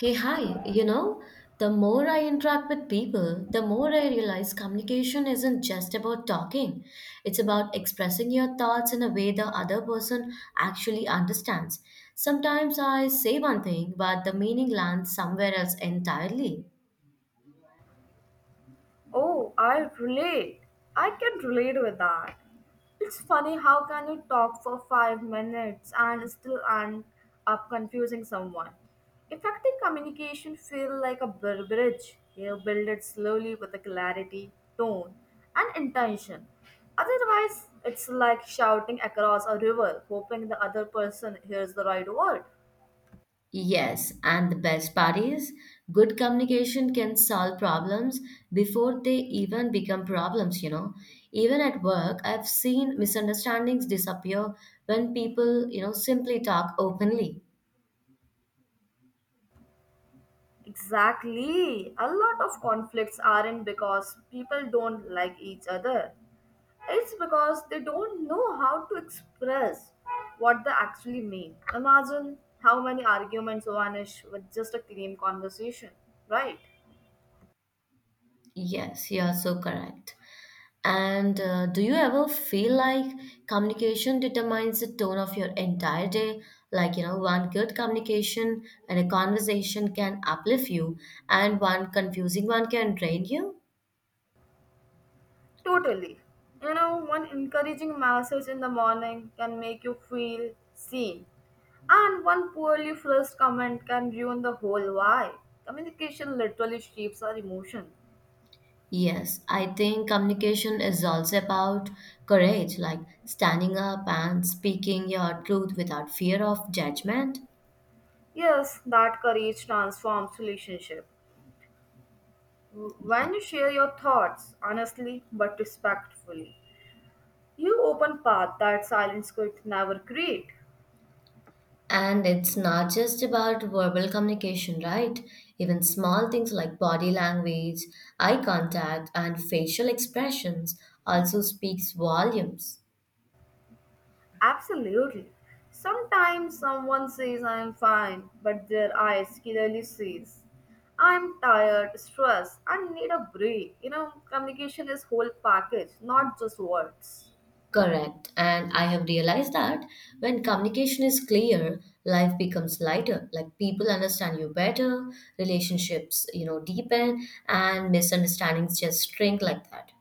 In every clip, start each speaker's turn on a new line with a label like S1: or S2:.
S1: Hey, hi. The more I interact with people, the more I realize communication isn't just about talking. It's about expressing your thoughts in a way the other person actually understands. Sometimes I say one thing, but the meaning lands somewhere else entirely.
S2: Oh, I relate. I can relate with that. It's funny how can you talk for 5 minutes and still end up confusing someone. Effective communication feels like a bridge. You build it slowly with the clarity, tone, and intention. Otherwise, it's like shouting across a river, hoping the other person hears the right word.
S1: Yes, and the best part is good communication can solve problems before they even become problems. Even at work, I've seen misunderstandings disappear when people, simply talk openly.
S2: Exactly. A lot of conflicts aren't because people don't like each other. It's because they don't know how to express what they actually mean. Imagine how many arguments vanish with just a clean conversation, right?
S1: Yes, you are so correct. And do you ever feel like communication determines the tone of your entire day? Like, one good communication and a conversation can uplift you, and one confusing one can drain you?
S2: Totally. You know, one encouraging message in the morning can make you feel seen, and one poorly phrased comment can ruin the whole vibe. Communication literally shapes our emotion.
S1: Yes, I think communication is also about courage, like standing up and speaking your truth without fear of judgment.
S2: Yes, that courage transforms relationship. When you share your thoughts honestly but respectfully, you open path that silence could never create.
S1: And it's not just about verbal communication, right? Even small things like body language, eye contact, and facial expressions also speaks volumes.
S2: Absolutely. Sometimes someone says I am fine, but their eyes clearly says I'm tired, stressed, and need a break. You know, communication is whole package, not just words.
S1: Correct. And I have realized that when communication is clear, life becomes lighter. Like people understand you better, relationships, deepen, and misunderstandings just shrink like that.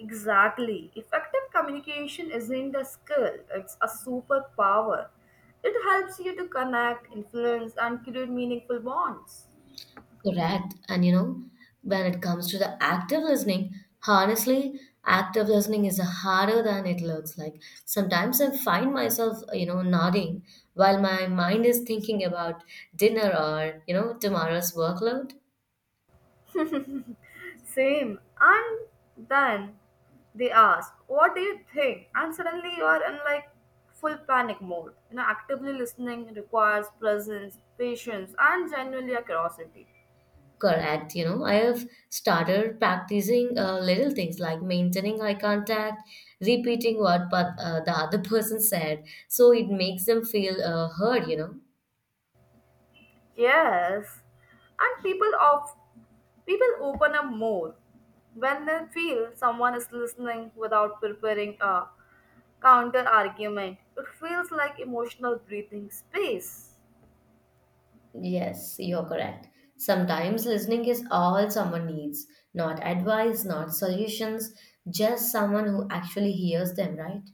S2: Exactly. Effective communication isn't a skill, it's a superpower. It helps you to connect, influence, and create meaningful bonds.
S1: Correct. And you know, when it comes to the active listening, honestly, active listening is harder than it looks like. Sometimes I find myself, nodding while my mind is thinking about dinner or, tomorrow's workload.
S2: Same. And then they ask, What do you think? And suddenly you are in like full panic mode. You know, actively listening requires presence, patience, and genuinely a curiosity.
S1: Correct. You know, I have started practicing little things like maintaining eye contact, repeating what but the other person said, so it makes them feel heard. You know.
S2: Yes, and people open up more when they feel someone is listening without preparing a counter argument. It feels like emotional breathing space.
S1: Yes, you're correct. Sometimes listening is all someone needs, not advice, not solutions, just someone who actually hears them, right?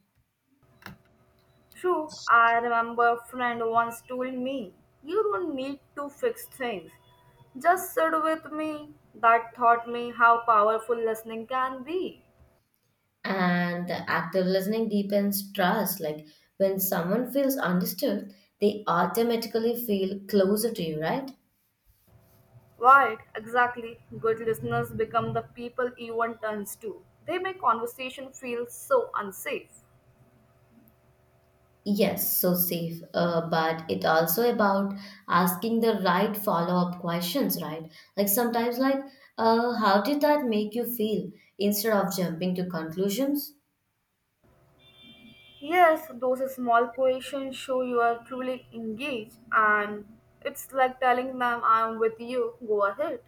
S2: True, I remember a friend once told me, "You don't need to fix things. Just sit with me." That taught me how powerful listening can be.
S1: And the active listening deepens trust. Like when someone feels understood, they automatically feel closer to you, right?
S2: Right, exactly. Good listeners become the people Ewan turns to. They make conversation feel so unsafe.
S1: Yes, so safe, but it also about asking the right follow-up questions, right? Like sometimes, how did that make you feel? Instead of jumping to conclusions.
S2: Yes, those small questions show you are truly engaged, and it's like telling them, I'm with you, go ahead.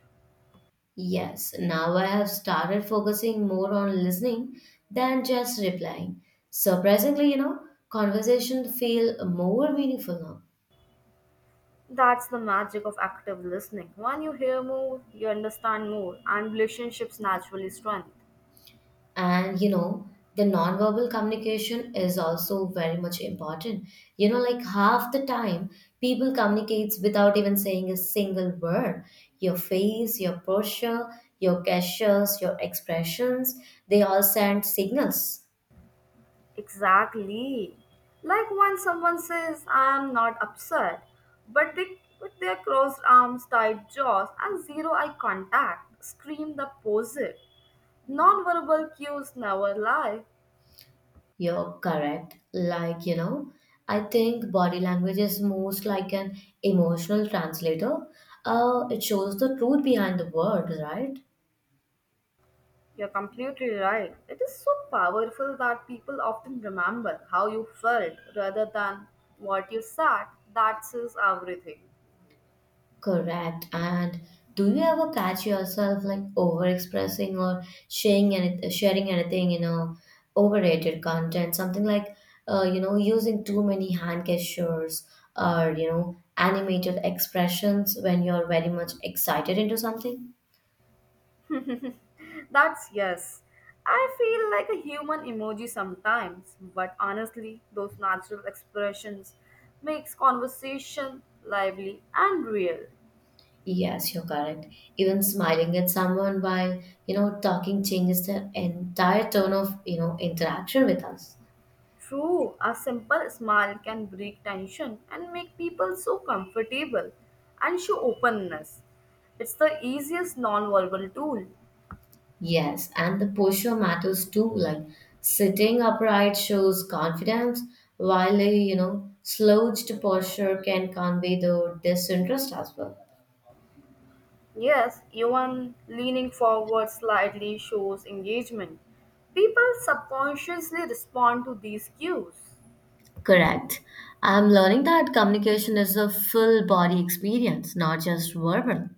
S1: Yes, now I have started focusing more on listening than just replying. Surprisingly, conversation feel more meaningful now.
S2: That's the magic of active listening. When you hear more, you understand more, and relationships naturally strengthen.
S1: And you know the nonverbal communication is also very much important, you know, like half the time people communicates without even saying a single word. Your face, your posture, your gestures, your expressions, they all send signals.
S2: Exactly. Like when someone says, I am not upset, but they, with their crossed arms, tight jaws, and zero eye contact, scream the opposite. Nonverbal cues never lie.
S1: You're correct. Like, you know, I think body language is most like an emotional translator. It shows the truth behind the word, right?
S2: You're completely right. It is so powerful that people often remember how you felt rather than what you said. That says everything.
S1: Correct. And do you ever catch yourself like overexpressing or sharing anything, you know, overrated content, something like, you know, using too many hand gestures or animated expressions when you're very much excited into something?
S2: That's yes. I feel like a human emoji sometimes, but honestly, those natural expressions makes conversation lively and real.
S1: Yes, you're correct. Even smiling at someone while talking changes the entire tone of, you know, interaction with us.
S2: True, a simple smile can break tension and make people so comfortable and show openness. It's the easiest non-verbal tool.
S1: Yes, and the posture matters too. Like sitting upright shows confidence, while a you know slouched posture can convey the disinterest as well.
S2: Yes, even leaning forward slightly shows engagement. People subconsciously respond to these cues.
S1: Correct. I'm learning that communication is a full body experience, not just verbal.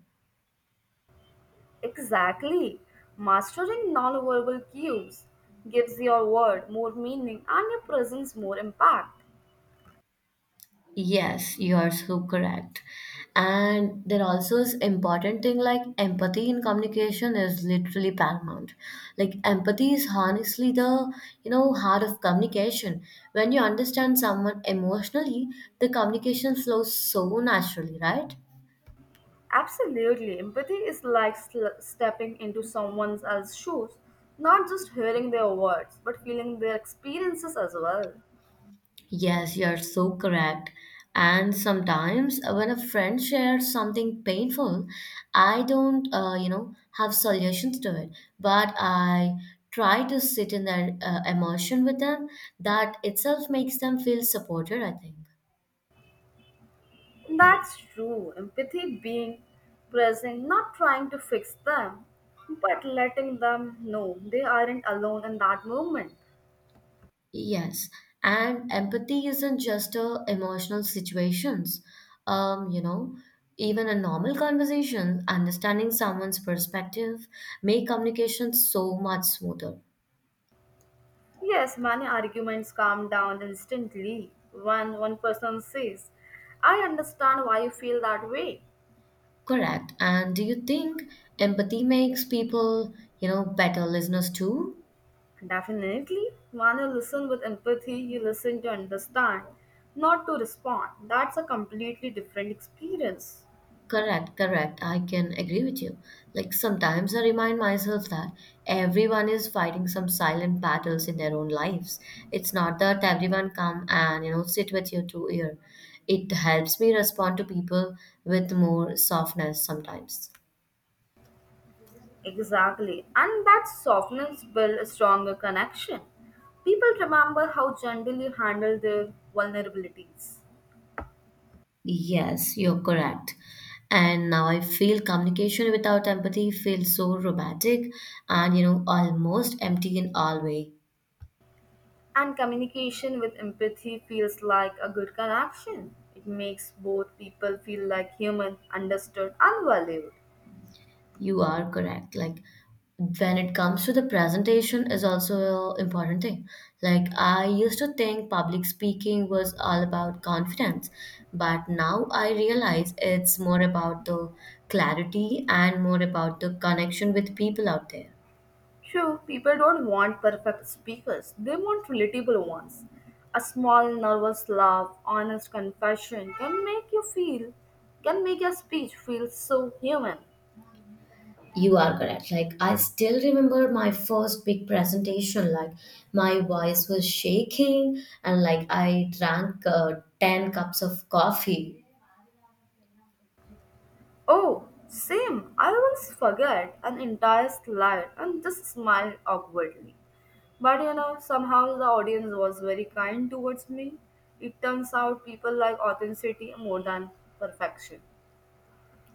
S2: Exactly. Mastering nonverbal cues gives your word more meaning and your presence more impact.
S1: Yes, you're so correct. And there also is important thing like empathy in communication is literally paramount. Like empathy is honestly the, you know, heart of communication. When you understand someone emotionally, the communication flows so naturally, right?
S2: Absolutely. Empathy is like stepping into someone else's shoes, not just hearing their words, but feeling their experiences as well.
S1: Yes, you're so correct. And sometimes when a friend shares something painful, I don't have solutions to it, but I try to sit in their emotion with them. That itself makes them feel supported, I think.
S2: That's true. Empathy being present, not trying to fix them, but letting them know they aren't alone in that moment.
S1: Yes, and empathy isn't just emotional situations. Um, you know, Even a normal conversation, understanding someone's perspective, make communication so much smoother.
S2: Yes, many arguments calm down instantly when one person says, I understand why you feel that way.
S1: Correct. And do you think empathy makes people better listeners too?
S2: Definitely, when you listen with empathy, you listen to understand, not to respond. That's a completely different experience.
S1: Correct, correct. I can agree with you. Like sometimes I remind myself that everyone is fighting some silent battles in their own lives. It's not that everyone come and sit with you to ear. It helps me respond to people with more softness sometimes.
S2: Exactly, and that softness builds a stronger connection. People remember how gently you handle their vulnerabilities.
S1: Yes, you're correct. And now I feel communication without empathy feels so robotic and almost empty in all way.
S2: And communication with empathy feels like a good connection. It makes both people feel like human, understood, and valued.
S1: You are correct. Like when it comes to the presentation is also an important thing. Like I used to think public speaking was all about confidence, but now I realize it's more about the clarity and more about the connection with people out there.
S2: True, people don't want perfect speakers, they want relatable ones. A small, nervous laugh, honest confession can can make your speech feel so human.
S1: You are correct. Like, I still remember my first big presentation. Like, my voice was shaking, and like, I drank 10 cups of coffee.
S2: Oh, same. I once forget an entire slide and just smiled awkwardly. But you know, somehow the audience was very kind towards me. It turns out people like authenticity more than perfection.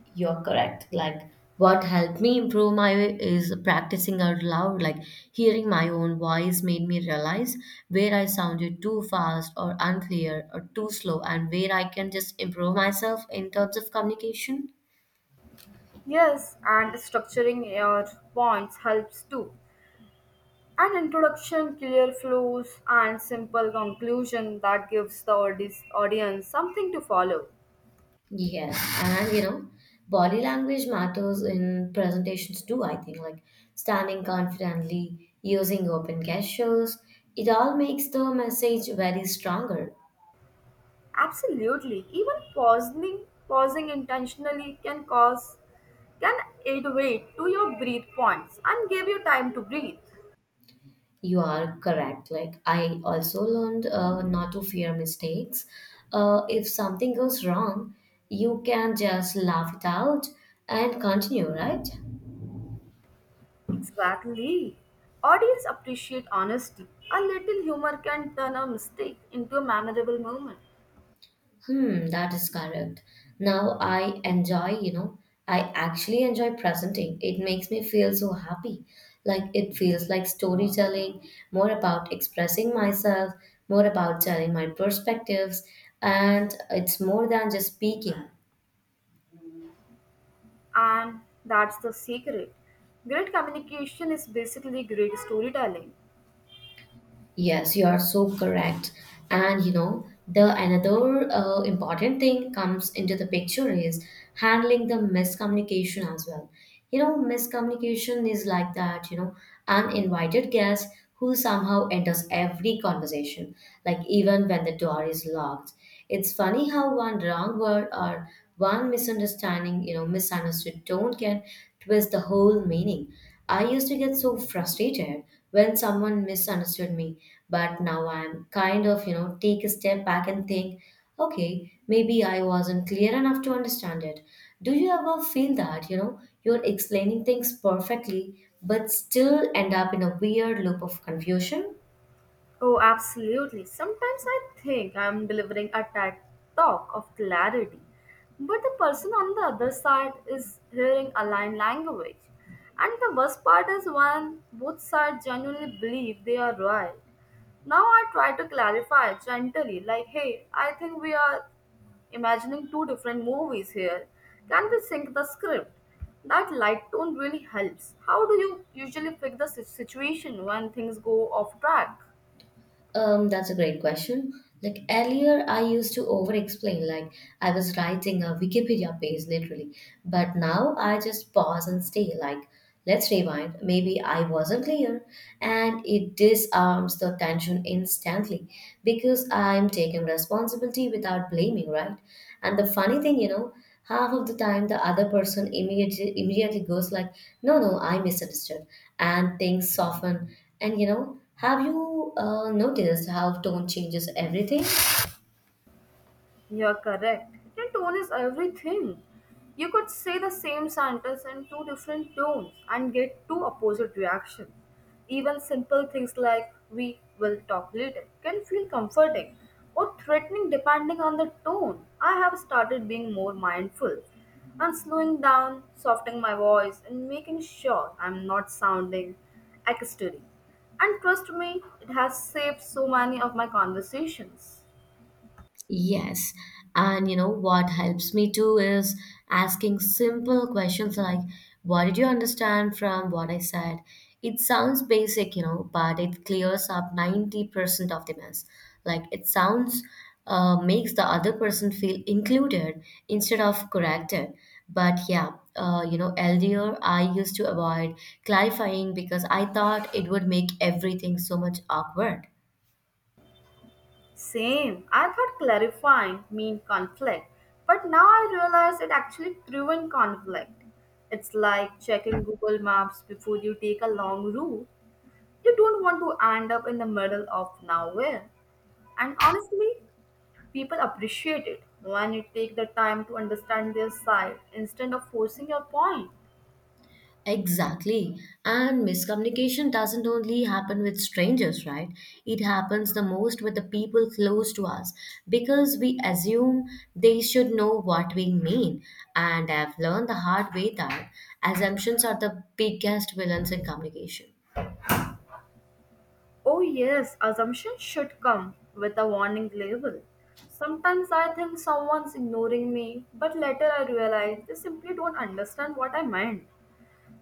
S1: You're correct. Like, what helped me improve my is practicing out loud. Like, hearing my own voice made me realize where I sounded too fast or unclear or too slow, and where I can just improve myself in terms of communication.
S2: Yes, and structuring your points helps too. An introduction, clear flows, and simple conclusion that gives the audience something to follow.
S1: Yes, and you know, body language matters in presentations too, I think, like standing confidently, using open gestures, it all makes the message very stronger.
S2: Absolutely. Pausing intentionally can aid weight to your breathe points and give you time to breathe.
S1: You are correct. Like, I also learned not to fear mistakes. If something goes wrong, you can just laugh it out and continue, right?
S2: Exactly. Audience appreciate honesty. A little humor can turn a mistake into a memorable moment.
S1: Hmm, that is correct. Now I enjoy, you know, I actually enjoy presenting. It makes me feel so happy. Like it feels like storytelling, more about expressing myself, more about telling my perspectives, and it's more than just speaking.
S2: And that's the secret. Great communication is basically great storytelling.
S1: Yes, you are so correct. And you know, the another important thing comes into the picture is handling the miscommunication as well. You know, miscommunication is like that, you know, uninvited guest who somehow enters every conversation, like even when the door is locked. It's funny how one wrong word or one misunderstanding, you know, misunderstood tone can twist the whole meaning. I used to get so frustrated when someone misunderstood me, but now I'm kind of, you know, take a step back and think, okay, maybe I wasn't clear enough to understand it. Do you ever feel that, you know, you're explaining things perfectly, but still end up in a weird loop of confusion?
S2: Oh, absolutely. Sometimes I think I'm delivering a TED talk of clarity, but the person on the other side is hearing a line language. And the worst part is when both sides genuinely believe they are right. Now I try to clarify gently, like, hey, I think we are imagining two different movies here. Can we sync the script? That light tone really helps. How do you usually fix the situation when things go off track?
S1: That's a great question. Like earlier, I used to over explain, like I was writing a Wikipedia page literally. But now I just pause and stay, like, let's rewind. Maybe I wasn't clear. And it disarms the tension instantly because I'm taking responsibility without blaming, right? And the funny thing, you know, half of the time the other person immediately goes like, "No, no, I misunderstood," and things soften. And you know, have you noticed how tone changes everything?
S2: You're correct. The tone is everything. You could say the same sentence in two different tones and get two opposite reactions. Even simple things like we will talk later can feel comforting or threatening depending on the tone. I have started being more mindful and slowing down, softening my voice, and making sure I'm not sounding accusatory. And trust me, it has saved so many of my conversations.
S1: Yes. And you know what helps me too is asking simple questions like, what did you understand from what I said? It sounds basic, you know, but it clears up 90% of the mess. Like, it sounds makes the other person feel included instead of corrected. But yeah, earlier I used to avoid clarifying because I thought it would make everything so much awkward.
S2: Same. I thought clarifying mean conflict, but now I realize it actually prevent conflict. It's like checking Google Maps before you take a long route. You don't want to end up in the middle of nowhere. And honestly, people appreciate it when you take the time to understand their side instead of forcing your point.
S1: Exactly. And miscommunication doesn't only happen with strangers, right? It happens the most with the people close to us because we assume they should know what we mean. And I've learned the hard way that assumptions are the biggest villains in communication.
S2: Oh, yes, assumptions should come with a warning label. Sometimes I think someone's ignoring me, but later I realize they simply don't understand what I meant.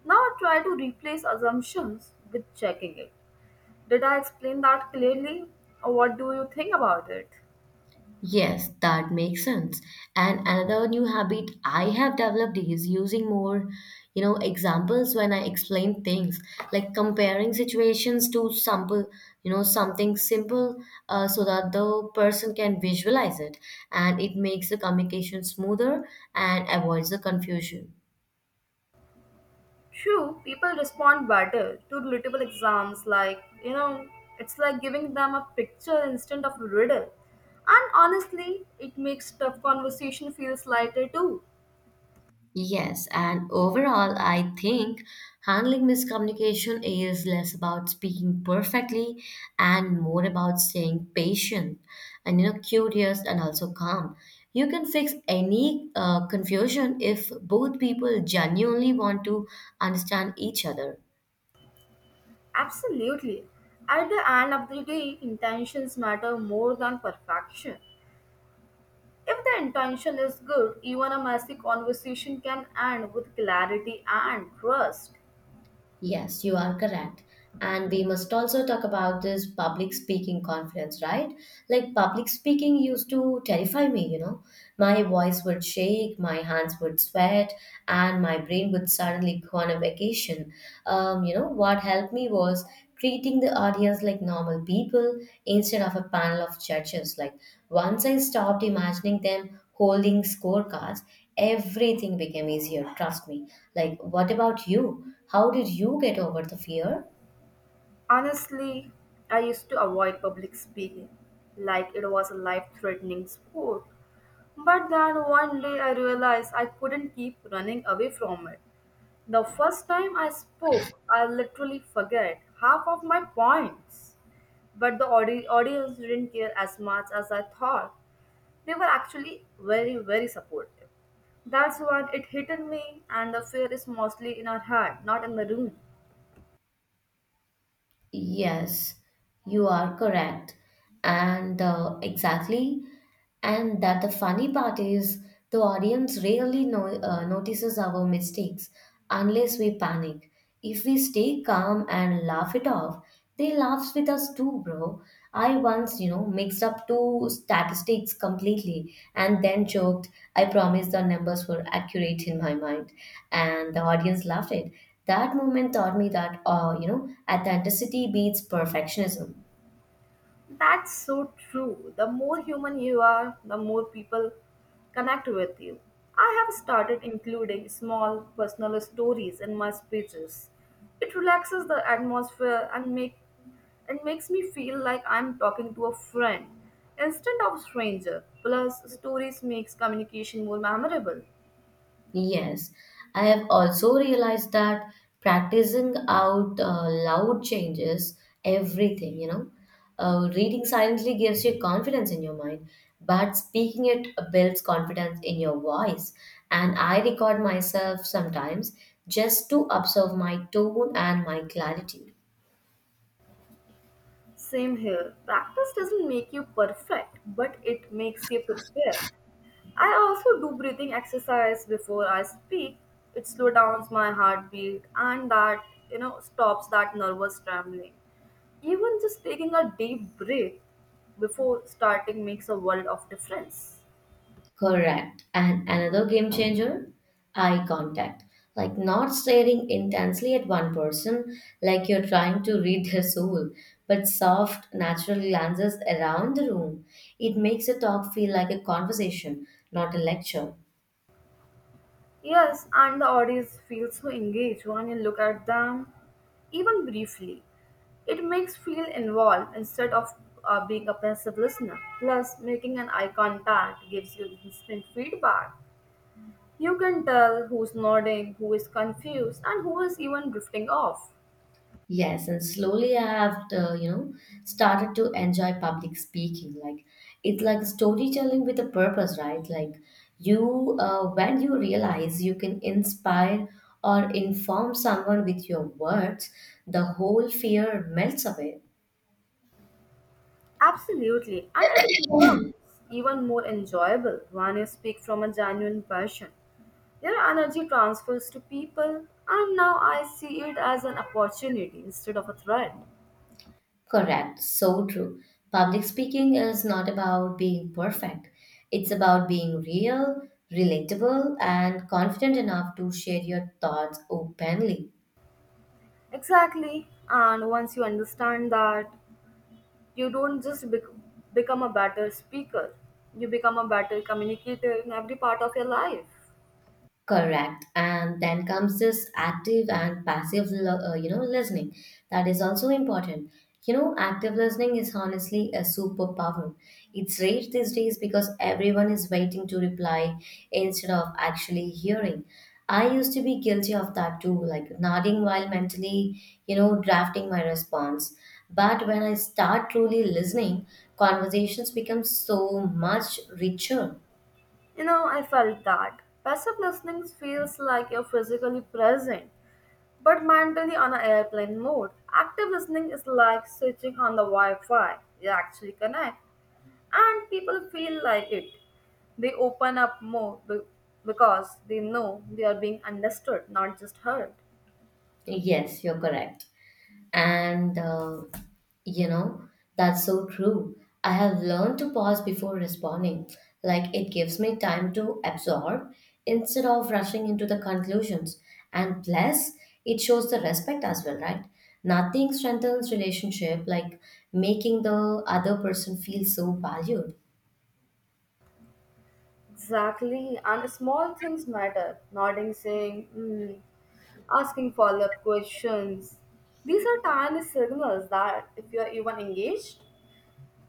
S2: Now I try to replace assumptions with checking it. Did I explain that clearly? Or what do you think about it?
S1: Yes, that makes sense. And another new habit I have developed is using more examples when I explain things, like comparing situations to sample, something simple, so that the person can visualize it, and it makes the communication smoother and avoids the confusion.
S2: True, people respond better to relatable exams like, it's like giving them a picture instead of a riddle. And honestly, it makes tough conversation feels lighter too.
S1: Yes, and overall, I think handling miscommunication is less about speaking perfectly and more about staying patient and you know curious and also calm. You can fix any confusion if both people genuinely want to understand each other.
S2: Absolutely. At the end of the day, intentions matter more than perfection. If the intention is good, even a messy conversation can end with clarity and trust.
S1: Yes, you are correct. And we must also talk about this public speaking confidence, right? Like public speaking used to terrify me, you know. My voice would shake, my hands would sweat, and my brain would suddenly go on a vacation. What helped me was treating the audience like normal people instead of a panel of judges. Like once I stopped imagining them holding scorecards, everything became easier, trust me. Like, what about you? How did you get over the fear?
S2: Honestly, I used to avoid public speaking like it was a life threatening sport. But then one day I realized I couldn't keep running away from it. The first time I spoke, I literally forget half of my points. But the audience didn't care as much as I thought. They were actually very, very supportive. That's when it hit on me, and the fear is mostly in our head, not in the room.
S1: Yes, you are correct. And exactly, and that the funny part is, the audience rarely notices our mistakes unless we panic. If we stay calm and laugh it off, they laughs with us too, bro. I once mixed up two statistics completely and then joked, I promised the numbers were accurate in my mind. And the audience laughed it. That moment taught me that authenticity beats perfectionism.
S2: That's so true. The more human you are, the more people connect with you. I have started including small personal stories in my speeches. It relaxes the atmosphere and makes me feel like I'm talking to a friend instead of a stranger. Plus, stories makes communication more memorable.
S1: Yes, I have also realized that practicing out loud changes everything, you know. Reading silently gives you confidence in your mind, but speaking it builds confidence in your voice. And I record myself sometimes just to observe my tone and my clarity.
S2: Same here. Practice doesn't make you perfect, but it makes you prepared. I also do breathing exercise before I speak. It slows down my heartbeat and that, stops that nervous trembling. Even just taking a deep breath before starting makes a world of difference.
S1: Correct. And another game changer, eye contact. Like not staring intensely at one person like you're trying to read their soul, but soft, natural glances around the room. It makes a talk feel like a conversation, not a lecture.
S2: Yes, and the audience feels so engaged when you look at them, even briefly. It makes feel involved instead of being a passive listener. Plus, making an eye contact gives you instant feedback. You can tell who's nodding, who is confused, and who is even drifting off.
S1: Yes, and slowly I have started to enjoy public speaking. Like it's like storytelling with a purpose, right? Like when you realize you can inspire or inform someone with your words, the whole fear melts away.
S2: Absolutely, and it becomes even more enjoyable when you speak from a genuine passion. Your energy transfers to people, and now I see it as an opportunity instead of a threat.
S1: Correct. So true. Public speaking is not about being perfect. It's about being real, relatable, and confident enough to share your thoughts openly.
S2: Exactly, and once you understand that, you don't just become a better speaker, you become a better communicator in every part of your life.
S1: Correct. And then comes this active and passive, listening. That is also important. You know, active listening is honestly a superpower. It's rare these days because everyone is waiting to reply instead of actually hearing. I used to be guilty of that too, like nodding while mentally, drafting my response. But when I start truly listening, conversations become so much richer.
S2: You know, I felt that. Passive listening feels like you're physically present, but mentally on an airplane mode. Active listening is like switching on the Wi Fi. You actually connect, and people feel like it. They open up more because they know they are being understood, not just heard.
S1: Yes, you're correct. And, you know, that's so true. I have learned to pause before responding. Like, it gives me time to absorb instead of rushing into the conclusions. And plus, it shows the respect as well, right? Nothing strengthens relationship like making the other person feel so valued.
S2: Exactly, and small things matter. Nodding, saying, mm, asking follow up questions. These are tiny signals that, if you are even engaged,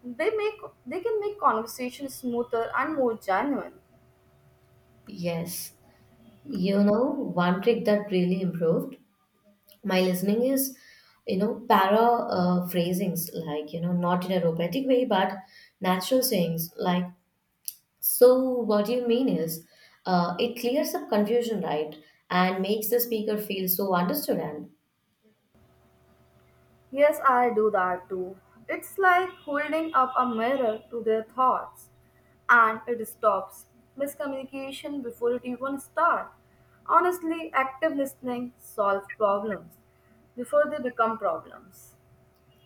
S2: they make they can make conversation smoother and more genuine.
S1: Yes. You know, one trick that really improved my listening is you know para phrasings like you know not in a robotic way but natural sayings like so what you mean is it clears up confusion right and makes the speaker feel so understood
S2: Yes, I do that too. It's like holding up a mirror to their thoughts, and it stops miscommunication before it even starts. Honestly, active listening solves problems before they become problems.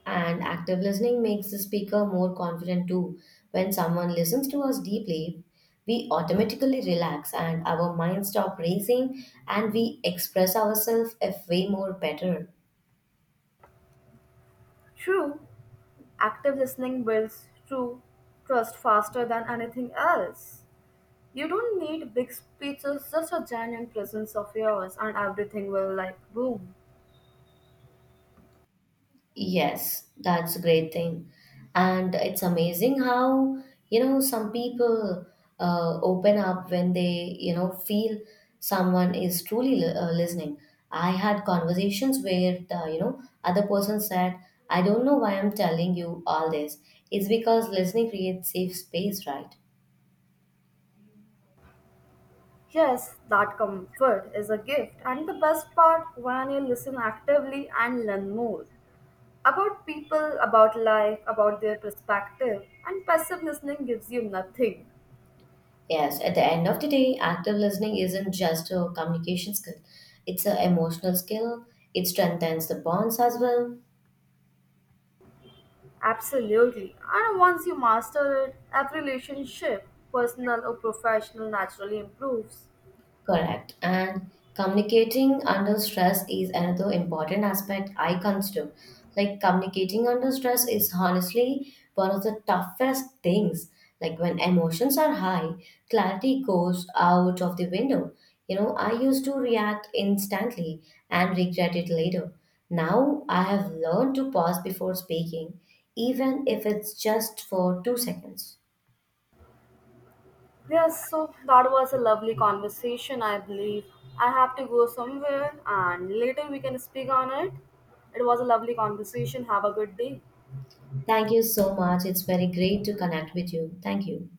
S1: and active listening makes the speaker more confident too when someone listens to us deeply we automatically relax and our minds stop racing and we express ourselves a way more better.
S2: True, active listening builds true trust faster than anything else. You don't need big speeches, just a genuine presence of yours, and everything will like boom.
S1: Yes, that's a great thing. And it's amazing how, you know, some people open up when they feel someone is truly listening. I had conversations where, the, you know, other person said, I don't know why I'm telling you all this. It's because listening creates safe space, right?
S2: Yes, that comfort is a gift, and the best part when you listen actively and learn more about people, about life, about their perspective, and passive listening gives you nothing.
S1: Yes, at the end of the day, active listening isn't just a communication skill, it's an emotional skill. It strengthens the bonds as well.
S2: Absolutely. And once you master it, every relationship, personal or professional, naturally improves.
S1: Correct. And communicating under stress is another important aspect I consider. Like communicating under stress is honestly one of the toughest things. Like when emotions are high, clarity goes out of the window. You know, I used to react instantly and regret it later. Now I have learned to pause before speaking, even if it's just for 2 seconds.
S2: Yes, so that was a lovely conversation, I believe. I have to go somewhere and later we can speak on it. It was a lovely conversation. Have a good day.
S1: Thank you so much. It's very great to connect with you. Thank you.